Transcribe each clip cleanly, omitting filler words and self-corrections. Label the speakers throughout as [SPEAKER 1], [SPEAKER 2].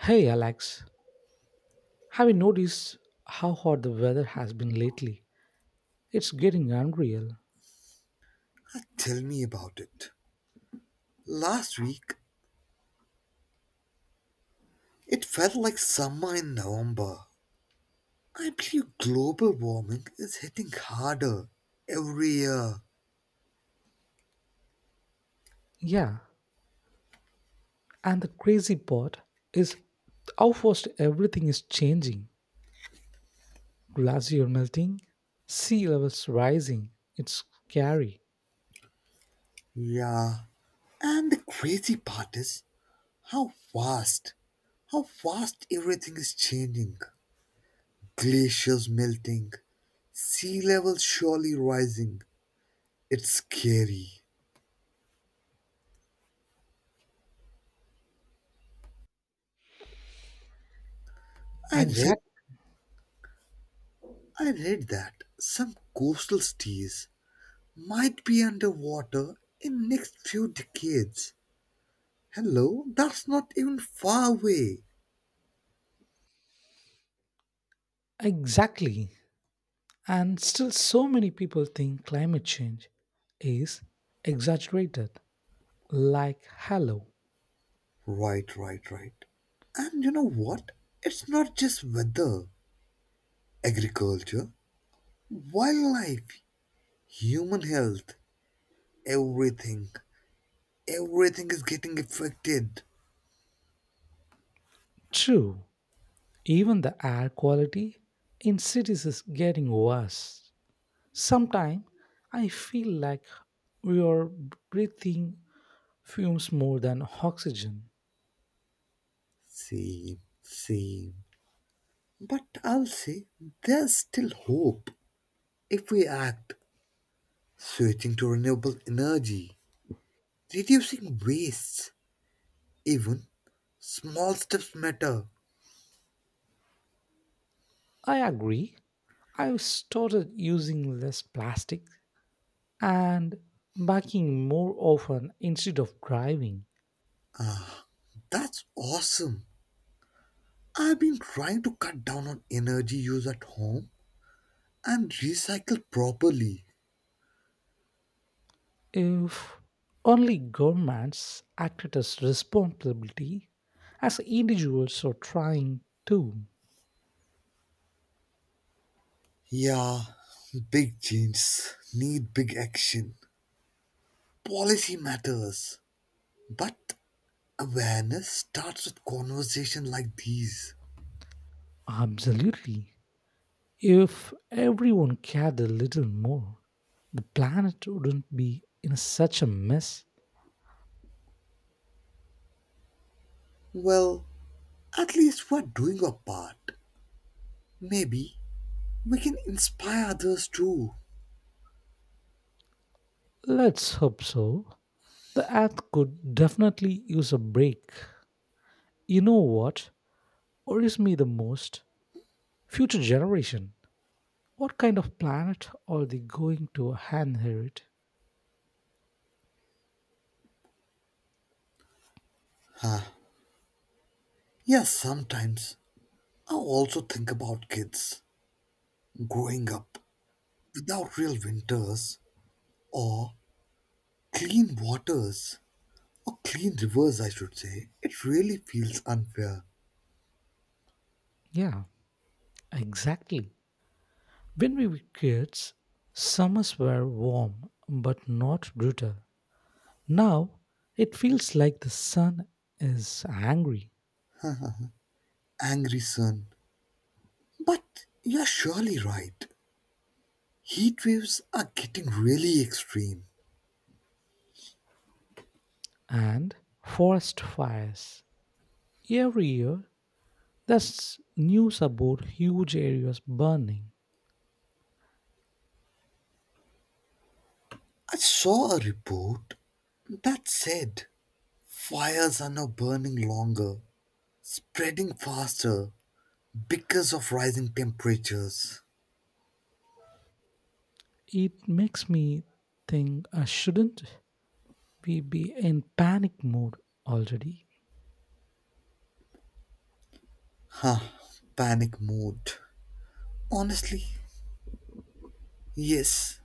[SPEAKER 1] Hey Alex, have you noticed how hot the weather has been lately? It's getting unreal.
[SPEAKER 2] Tell me about it. Last week, it felt like summer in November. I believe global warming is hitting harder every year.
[SPEAKER 1] Yeah, and the crazy part is how fast everything is changing. Glacier melting, sea levels rising. It's scary.
[SPEAKER 2] Yeah. And the crazy part is how fast, how fast everything is changing. Glaciers melting, sea levels surely rising. It's scary. I read,
[SPEAKER 1] Exact
[SPEAKER 2] I read that some coastal cities might be underwater in next few decades. Hello, that's not even far away.
[SPEAKER 1] exactly. And still so many people think climate change is exaggerated. Like hello.
[SPEAKER 2] Right, right, right. And you know what? It's not just weather, agriculture, wildlife, human health, everything. Everything is getting affected.
[SPEAKER 1] True. Even the air quality in cities is getting worse. Sometimes I feel like we are breathing fumes more than oxygen.
[SPEAKER 2] Same, same. But I'll say there's still hope if we act, switching to renewable energy, reducing wastes, even small steps matter.
[SPEAKER 1] I agree. I've started using less plastic and biking more often instead of driving.
[SPEAKER 2] That's awesome. I've been trying to cut down on energy use at home and recycle properly.
[SPEAKER 1] If only governments acted as responsibility as individuals are trying to.
[SPEAKER 2] Yeah, big changes need big action. Policy matters. But awareness starts with conversation like these.
[SPEAKER 1] Absolutely. If everyone cared a little more, the planet wouldn't be in such a mess.
[SPEAKER 2] Well, at least we're doing our part. Maybe we can inspire others too.
[SPEAKER 1] Let's hope so. The earth could definitely use a break. You know what worries me the most? Future generation. What kind of planet are they going to inherit?
[SPEAKER 2] Yes, sometimes I also think about kids growing up without real winters or clean waters, or clean rivers, I should say. It really feels unfair.
[SPEAKER 1] Yeah, exactly. When we were kids, summers were warm but not brutal. Now it feels like the sun is angry
[SPEAKER 2] Angry sun. But you're surely right. Heat waves are getting really extreme.
[SPEAKER 1] and forest fires. Every year, there's news about huge areas burning.
[SPEAKER 2] I saw a report that said fires are now burning longer, spreading faster because of rising temperatures.
[SPEAKER 1] It makes me think, shouldn't we be in panic mode already?
[SPEAKER 2] Huh, panic mode. Honestly, yes,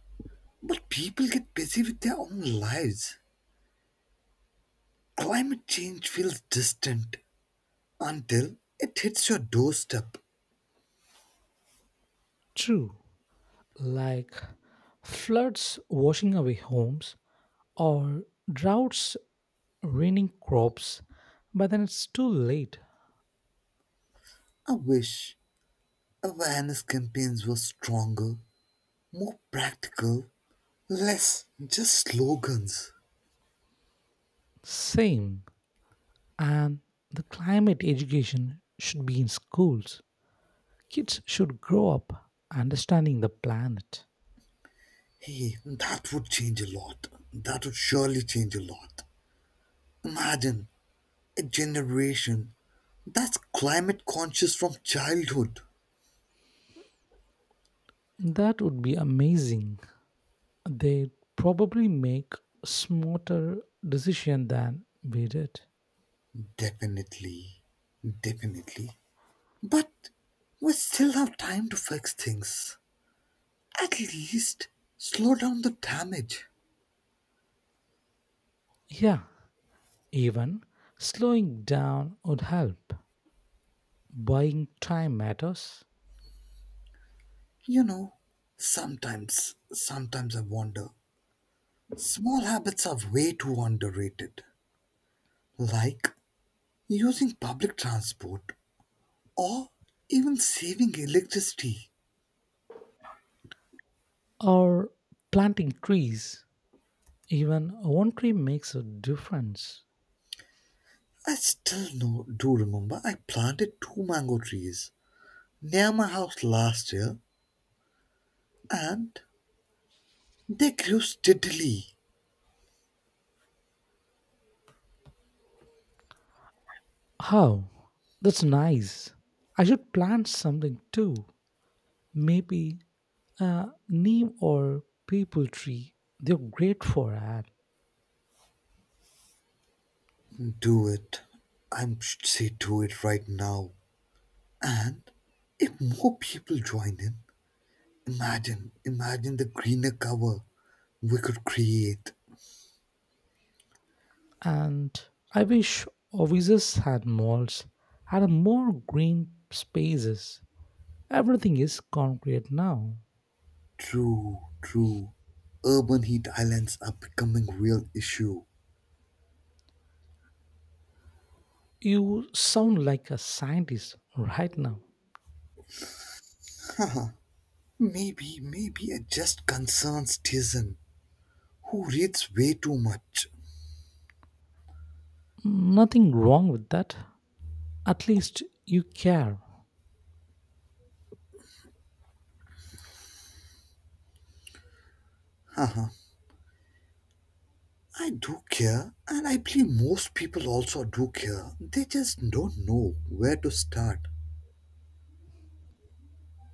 [SPEAKER 2] but people get busy with their own lives. Climate change feels distant until it hits your doorstep.
[SPEAKER 1] True, like floods washing away homes or droughts ruining crops, but then it's too late.
[SPEAKER 2] I wish awareness campaigns were stronger, more practical, less just slogans.
[SPEAKER 1] Same, and the climate education should be in schools. Kids should grow up understanding the planet.
[SPEAKER 2] Hey, that would change a lot. That would surely change a lot. Imagine a generation that's climate conscious from childhood.
[SPEAKER 1] That would be amazing. They'd probably make smarter decision than we did.
[SPEAKER 2] Definitely, definitely. But we still have time to fix things. At least slow down the damage.
[SPEAKER 1] Yeah, even slowing down would help. Buying time matters.
[SPEAKER 2] You know, sometimes I wonder. Small habits are way too underrated. Like using public transport or even saving electricity.
[SPEAKER 1] Or planting trees. Even one tree makes a difference.
[SPEAKER 2] I still know, do remember I planted two mango trees near my house last year and they grew steadily.
[SPEAKER 1] How? That's nice. I should plant something too. Maybe, name or people tree they're great for that.
[SPEAKER 2] Do it. I should say do it right now. And if more people join in, imagine the greener cover we could create.
[SPEAKER 1] And I wish offices had malls had more green spaces, everything is concrete now.
[SPEAKER 2] True, true. Urban heat islands are becoming real issue.
[SPEAKER 1] You sound like a scientist right now.
[SPEAKER 2] Maybe it just concerns Tizen, who reads way too much.
[SPEAKER 1] Nothing wrong with that, at least you care.
[SPEAKER 2] Haha, I do care, and I believe most people also do care. They just don't know where to start.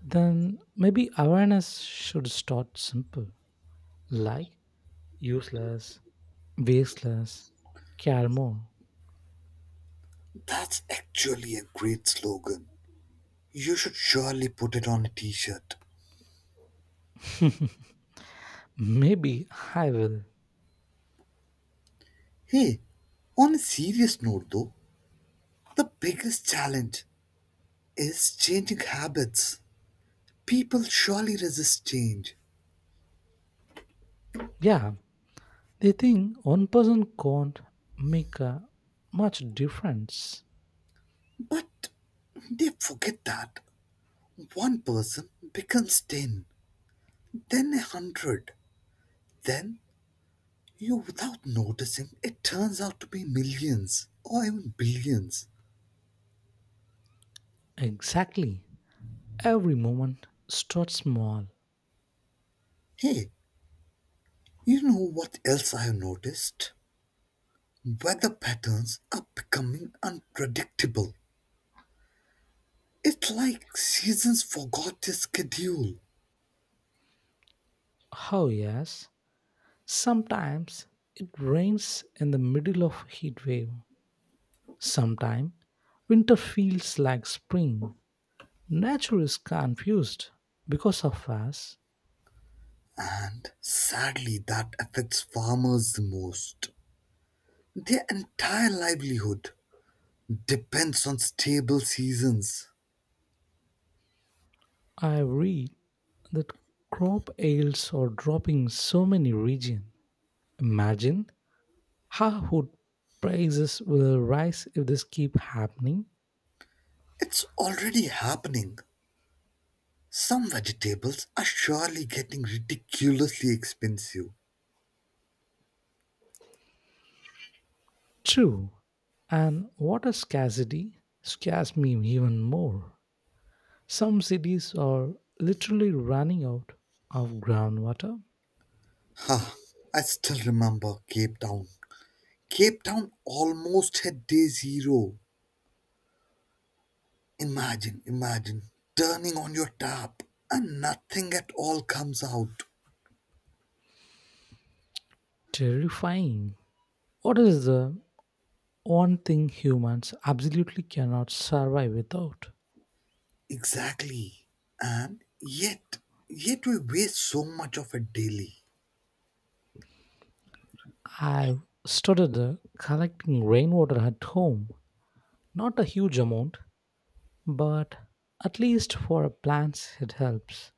[SPEAKER 1] Then maybe awareness should start simple, like useless, wasteless, care more.
[SPEAKER 2] That's actually a great slogan. You should surely put it on a t shirt.
[SPEAKER 1] Maybe I will.
[SPEAKER 2] Hey, on a serious note though, the biggest challenge is changing habits. People surely resist change,
[SPEAKER 1] Yeah, they think one person can't make a much difference.
[SPEAKER 2] but they forget that. One person becomes 10, then a 100, then, you without noticing, it turns out to be millions or even billions.
[SPEAKER 1] Exactly. Every moment starts small.
[SPEAKER 2] Hey, you know what else I have noticed? Weather patterns are becoming unpredictable. It's like seasons forgot their schedule.
[SPEAKER 1] How yes? Sometimes it rains in the middle of heat wave. Sometimes winter feels like spring. Nature is confused. Because of us,
[SPEAKER 2] And sadly, that affects farmers the most. Their entire livelihood depends on stable seasons.
[SPEAKER 1] I read that crop yields are dropping so many regions. Imagine how prices will rise if this keep happening?
[SPEAKER 2] It's already happening. Some vegetables are surely getting ridiculously expensive.
[SPEAKER 1] True. And water scarcity scares me even more. Some cities are literally running out of groundwater.
[SPEAKER 2] Huh, I still remember Cape Town. Cape Town almost hit day zero. Imagine turning on your tap and nothing at all comes out.
[SPEAKER 1] Terrifying. What is the one thing humans absolutely cannot survive without?
[SPEAKER 2] Exactly. And yet we waste so much of it daily.
[SPEAKER 1] I've started collecting rainwater at home. Not a huge amount, but at least for plants it helps.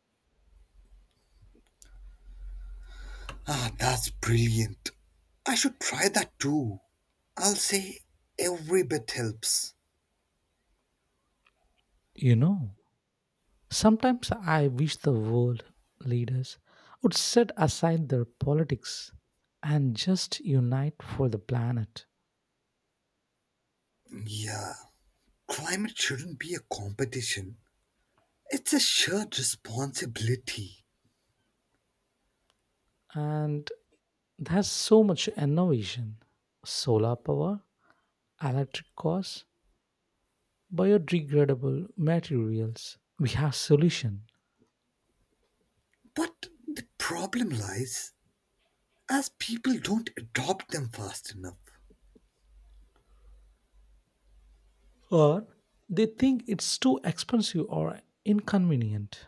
[SPEAKER 2] Ah, that's brilliant. I should try that too. I'll say every bit helps.
[SPEAKER 1] You know, sometimes I wish the world leaders would set aside their politics and just unite for the planet.
[SPEAKER 2] Yeah, climate shouldn't be a competition, it's a shared responsibility.
[SPEAKER 1] And there's so much innovation: solar power, electric cars, biodegradable materials. We have solution.
[SPEAKER 2] But the problem lies as people don't adopt them fast enough.
[SPEAKER 1] Or they think it's too expensive or inconvenient.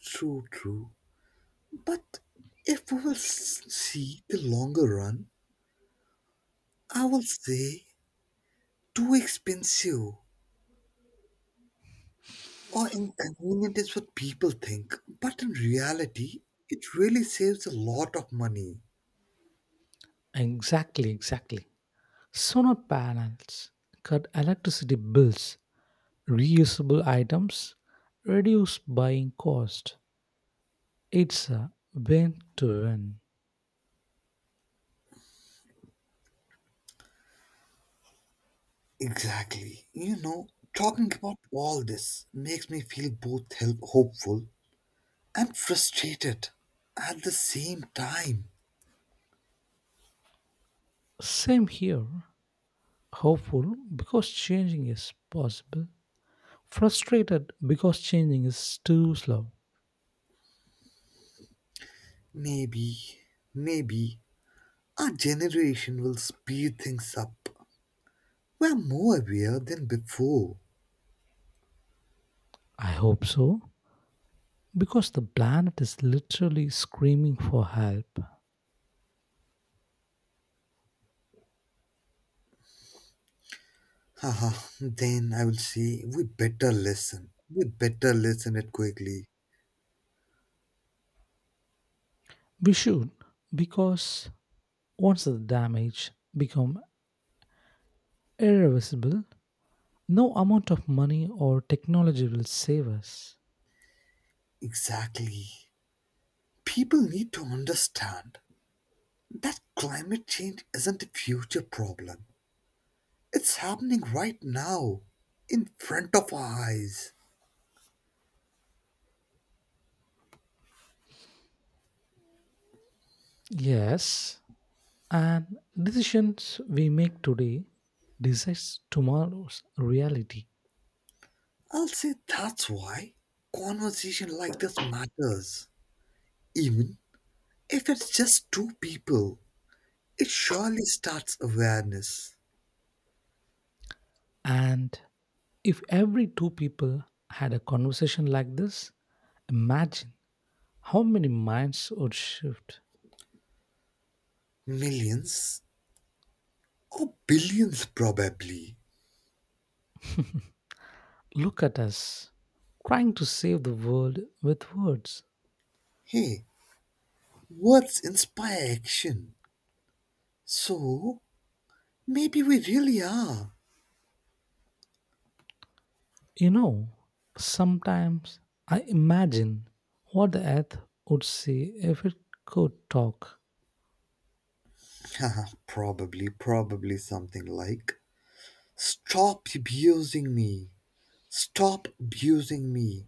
[SPEAKER 2] True, true. But if we will see the longer run, I will say too expensive or inconvenient is what people think. But in reality, it really saves a lot of money.
[SPEAKER 1] Exactly, exactly. Solar panels cut electricity bills, reusable items, reduce buying cost. It's a win to win.
[SPEAKER 2] Exactly. You know, talking about all this makes me feel both hopeful and frustrated at the same time.
[SPEAKER 1] Same here. Hopeful because changing is possible. Frustrated because changing is too slow.
[SPEAKER 2] Maybe, maybe our generation will speed things up. We're more aware than before.
[SPEAKER 1] I hope so. Because the planet is literally screaming for help.
[SPEAKER 2] Haha, then I will say, we better listen. We better listen it quickly.
[SPEAKER 1] We should, because once the damage become irreversible, no amount of money or technology will save us.
[SPEAKER 2] Exactly. People need to understand that climate change isn't a future problem. It's happening right now, in front of our eyes.
[SPEAKER 1] Yes, and decisions we make today decides tomorrow's reality.
[SPEAKER 2] I'll say that's why conversation like this matters. Even if it's just two people, it surely starts awareness.
[SPEAKER 1] And if every two people had a conversation like this, imagine how many minds would shift.
[SPEAKER 2] Millions or billions, probably.
[SPEAKER 1] Look at us trying to save the world with words.
[SPEAKER 2] Hey, words inspire action. So maybe we really are.
[SPEAKER 1] You know, sometimes I imagine what the earth would say if it could talk.
[SPEAKER 2] probably something like, stop abusing me. Stop abusing me.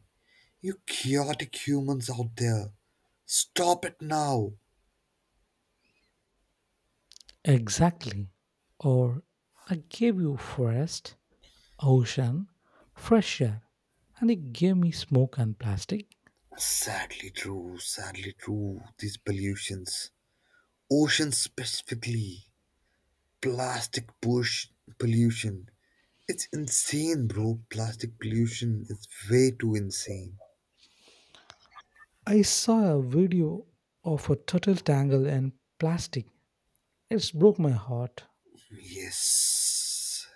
[SPEAKER 2] You chaotic humans out there. Stop it now.
[SPEAKER 1] Exactly. Or I gave you forest, ocean, fresh air, and it gave me smoke and plastic.
[SPEAKER 2] Sadly true, sadly true. These pollutions, ocean specifically, plastic push pollution. It's insane, bro. Plastic pollution is way too insane.
[SPEAKER 1] I saw a video of a turtle tangle in plastic. It broke my heart.
[SPEAKER 2] Yes.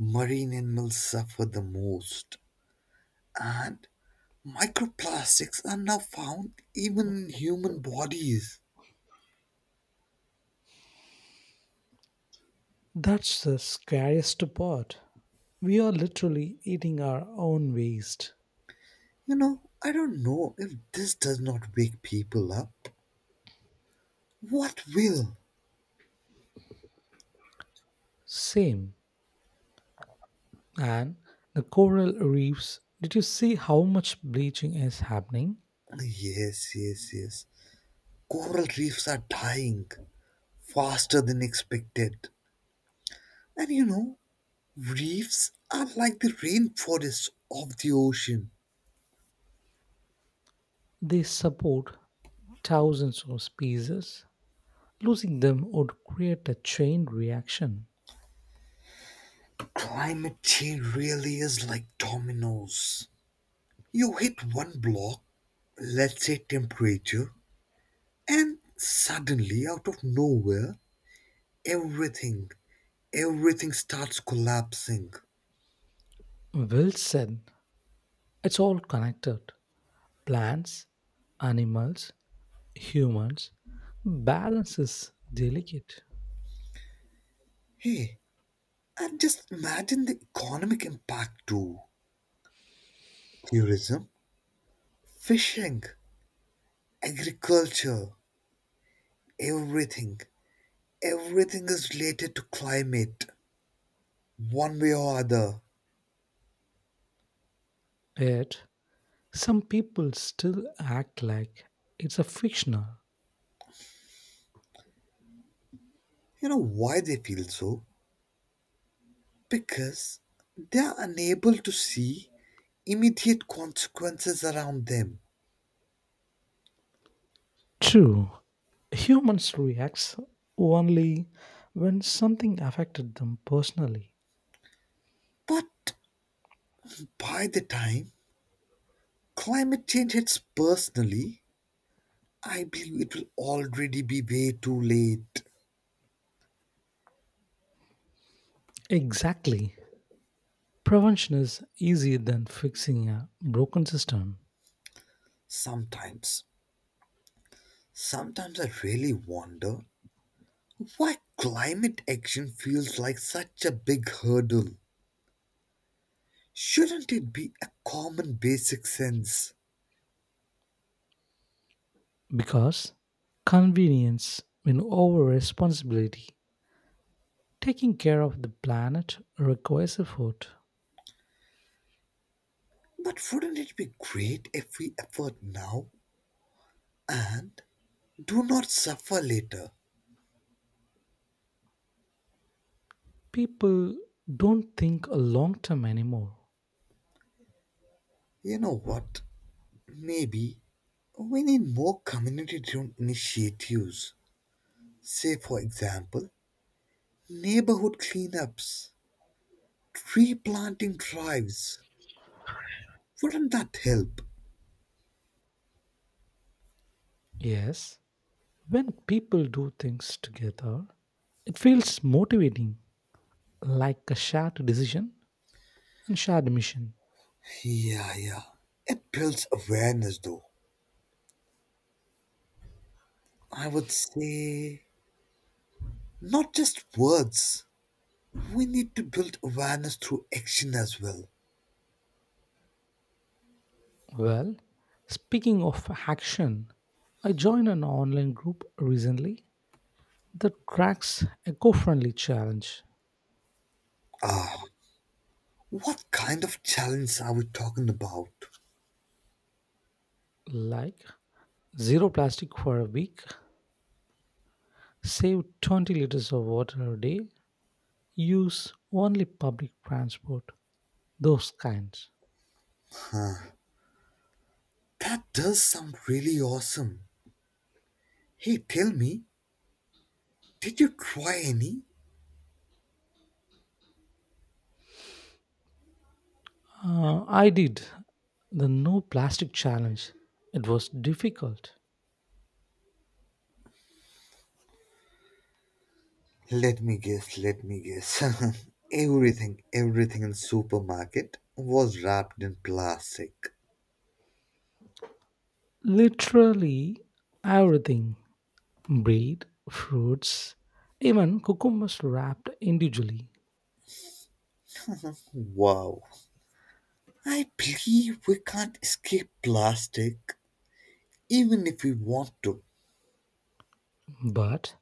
[SPEAKER 2] Marine animals suffer the most, and microplastics are now found even in human bodies.
[SPEAKER 1] That's the scariest part. We are literally eating our own waste.
[SPEAKER 2] You know, I don't know if this does not wake people up. What will?
[SPEAKER 1] Same. And the coral reefs, did you see how much bleaching is happening?
[SPEAKER 2] Yes, yes, yes. Coral reefs are dying faster than expected. And you know, reefs are like the rainforests of the ocean.
[SPEAKER 1] They support thousands of species. Losing them would create a chain reaction.
[SPEAKER 2] Climate change really is like dominoes. You hit one block, let's say temperature, and suddenly, out of nowhere, everything, everything starts collapsing.
[SPEAKER 1] Well said. It's all connected. Plants, animals, humans. Balance is delicate.
[SPEAKER 2] Hey, and just imagine the economic impact too. Tourism, fishing, agriculture, everything. Everything is related to climate, one way or other.
[SPEAKER 1] Yet, some people still act like it's a fictional.
[SPEAKER 2] You know why they feel so? Because they are unable to see immediate consequences around them.
[SPEAKER 1] True, humans react only when something affected them personally.
[SPEAKER 2] But by the time climate change hits personally, I believe it will already be way too late.
[SPEAKER 1] Exactly. Prevention is easier than fixing a broken system
[SPEAKER 2] Sometimes, sometimes I really wonder why climate action feels like such a big hurdle. Shouldn't it be a common basic sense?
[SPEAKER 1] because convenience win over responsibility. Taking care of the planet requires effort.
[SPEAKER 2] But wouldn't it be great if we effort now and do not suffer later?
[SPEAKER 1] People don't think a long term anymore.
[SPEAKER 2] You know what? Maybe we need more community driven initiatives. Say, for example, neighborhood cleanups, tree planting drives. Wouldn't that help?
[SPEAKER 1] Yes, when people do things together, it feels motivating, like a shared decision and shared mission.
[SPEAKER 2] Yeah, yeah. It builds awareness, though. I would say not just words. We need to build awareness through action as well.
[SPEAKER 1] Well, speaking of action, I joined an online group recently that tracks eco friendly challenge
[SPEAKER 2] Ah, what kind of challenge are we talking about?
[SPEAKER 1] like zero plastic for a week, save 20 liters of water a day, use only public transport, those kinds.
[SPEAKER 2] That does sound really awesome. Hey, tell me, did you try any?
[SPEAKER 1] I did the no plastic challenge. It was difficult.
[SPEAKER 2] Let me guess. Everything in supermarket was wrapped in plastic.
[SPEAKER 1] Literally everything: bread, fruits, even cucumbers wrapped individually.
[SPEAKER 2] Wow. I believe we can't escape plastic even if we want to.
[SPEAKER 1] But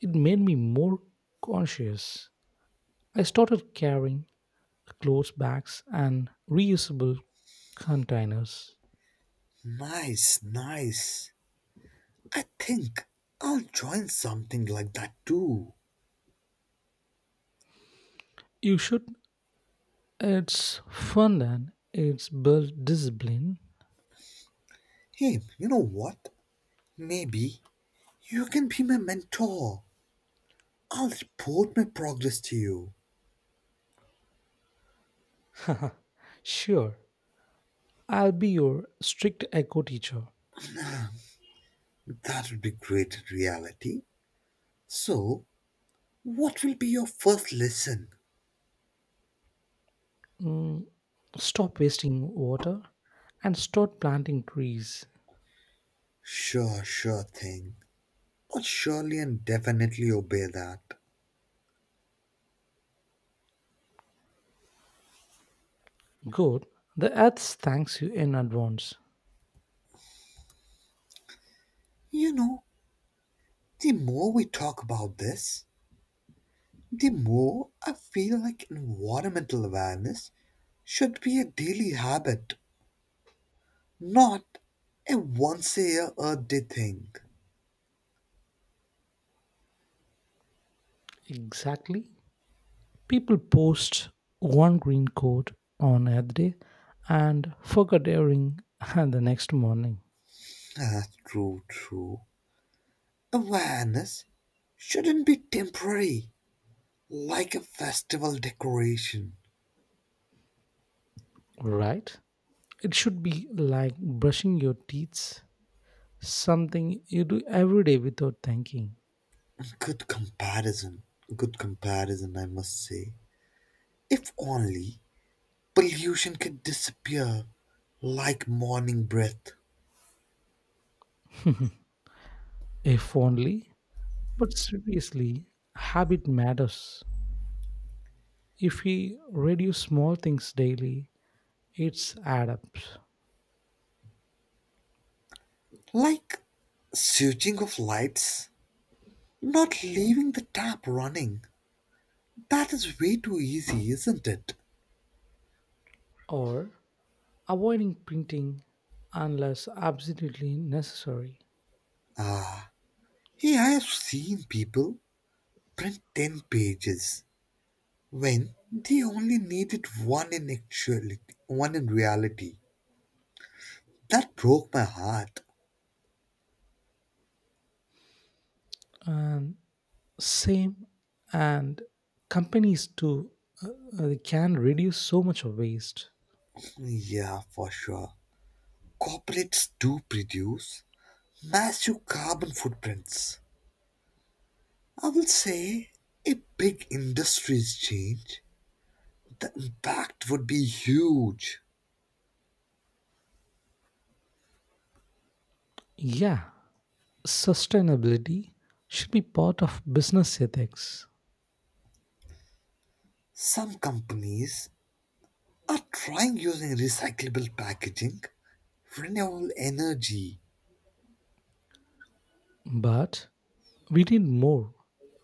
[SPEAKER 1] it made me more conscious. I started carrying clothes bags and reusable containers.
[SPEAKER 2] Nice, nice. I think I'll join something like that too.
[SPEAKER 1] You should. It's fun and it's built discipline.
[SPEAKER 2] Hey, you know what? Maybe you can be my mentor. I'll report my progress to you.
[SPEAKER 1] Sure, I'll be your strict eco teacher.
[SPEAKER 2] That would be great in reality. So, what will be your first lesson?
[SPEAKER 1] Mm, stop wasting water and start planting trees.
[SPEAKER 2] Sure, sure thing. I'll surely and definitely obey that.
[SPEAKER 1] Good, the earth thanks you in advance.
[SPEAKER 2] You know, the more we talk about this, the more I feel like environmental awareness should be a daily habit, not a once a year Earth Day thing.
[SPEAKER 1] Exactly. People post one green coat on Earth Day and forget airing the next morning.
[SPEAKER 2] That's true, true. Awareness shouldn't be temporary, like a festival decoration.
[SPEAKER 1] Right? It should be like brushing your teeth. Something you do every day without thinking.
[SPEAKER 2] Good comparison. Good comparison, I must say. If only pollution could disappear like morning breath,
[SPEAKER 1] If only. But seriously, habit matters. If we reduce small things daily, it's add up.
[SPEAKER 2] like switching off lights, not leaving the tap running. That is way too easy, isn't it?
[SPEAKER 1] Or avoiding printing unless absolutely necessary.
[SPEAKER 2] Ah, hey, I have seen people print 10 pages when they only needed one in actuality, one in reality. That broke my heart.
[SPEAKER 1] And same, and companies too, uh, can reduce so much of waste.
[SPEAKER 2] Yeah, for sure. Corporates do produce massive carbon footprints. I will say if big industries change, the impact would be huge.
[SPEAKER 1] Yeah, sustainability should be part of business ethics,
[SPEAKER 2] Some companies are trying using recyclable packaging, renewable energy.
[SPEAKER 1] but we need more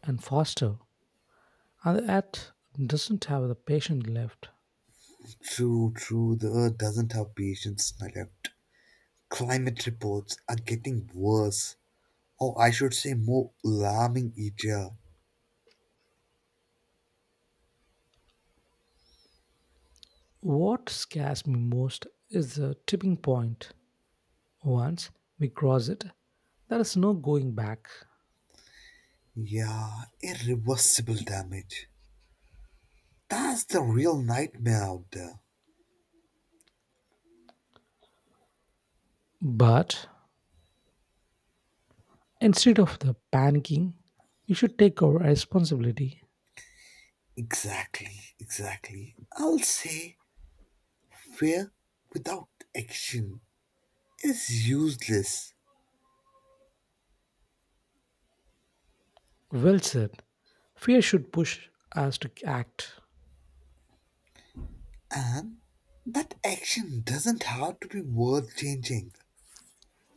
[SPEAKER 1] and faster, and the earth doesn't have the patience left.
[SPEAKER 2] True, true, the earth doesn't have patience left. Climate reports are getting worse, or I should say more alarming each year.
[SPEAKER 1] What scares me most is the tipping point. Once we cross it, there is no going back.
[SPEAKER 2] Yeah, irreversible damage. That's the real nightmare out there.
[SPEAKER 1] But instead of the panicking, we should take our responsibility.
[SPEAKER 2] Exactly, exactly. I'll say fear without action is useless,
[SPEAKER 1] Well said. Fear should push us to act,
[SPEAKER 2] and that action doesn't have to be worth changing.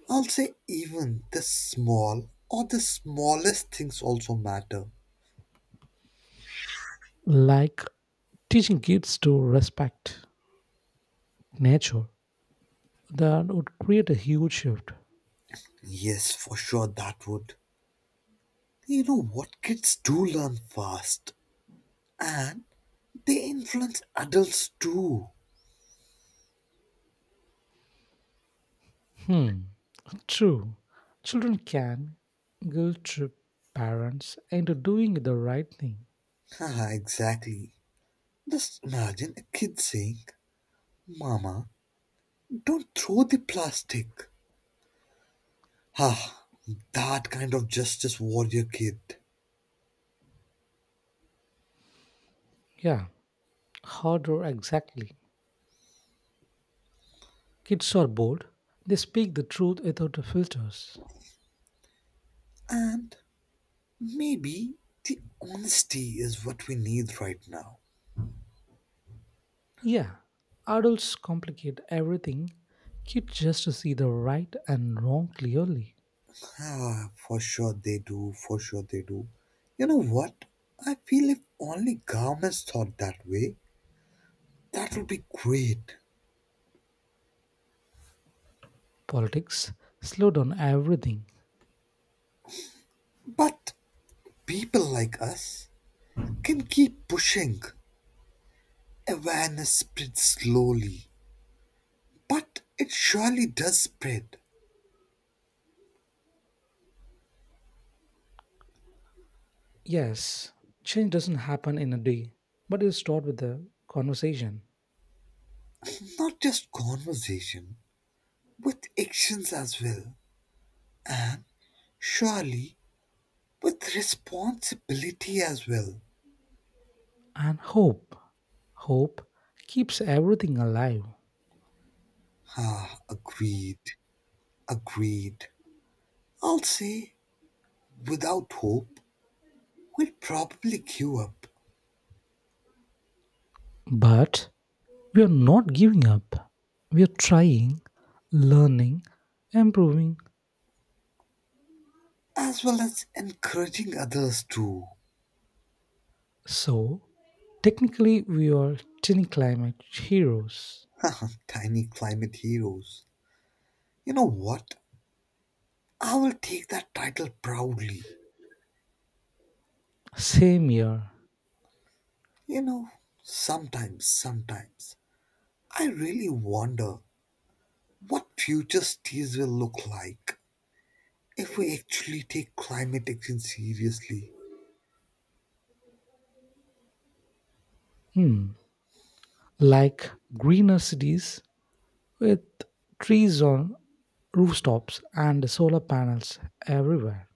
[SPEAKER 2] I'll say even the small or the smallest things also matter.
[SPEAKER 1] like teaching kids to respect nature. That would create a huge shift.
[SPEAKER 2] Yes, for sure that would. You know what? Kids do learn fast, and they influence adults too.
[SPEAKER 1] Hmm. True, children can guilt trip parents into doing the right thing.
[SPEAKER 2] Haha, exactly. Just imagine a kid saying, mama, don't throw the plastic. Ah, that kind of justice warrior kid.
[SPEAKER 1] Yeah, harder exactly. Kids are bold, they speak the truth without the filters.
[SPEAKER 2] And maybe the honesty is what we need right now.
[SPEAKER 1] Yeah, adults complicate everything, kids just to see the right and wrong clearly.
[SPEAKER 2] Ah, for sure they do, for sure they do. You know what? I feel if only governments thought that way, that would be great.
[SPEAKER 1] Politics slow down everything.
[SPEAKER 2] But people like us can keep pushing. Awareness spreads slowly, but it surely does spread,
[SPEAKER 1] Yes, change doesn't happen in a day, but it starts with a conversation
[SPEAKER 2] not just conversation, with actions as well. Surely with responsibility as well.
[SPEAKER 1] and hope. Hope keeps everything alive.
[SPEAKER 2] Ah, agreed, agreed. I'll say without hope, we'll probably give up,
[SPEAKER 1] But we are not giving up. We are trying, learning, improving.
[SPEAKER 2] as well as encouraging others too.
[SPEAKER 1] So, technically, we are tiny climate heroes.
[SPEAKER 2] Tiny climate heroes. You know what? I will take that title proudly.
[SPEAKER 1] Same year.
[SPEAKER 2] You know, sometimes, I really wonder what future cities will look like if we actually take climate action seriously.
[SPEAKER 1] Hmm. Like greener cities with trees on rooftops and solar panels everywhere.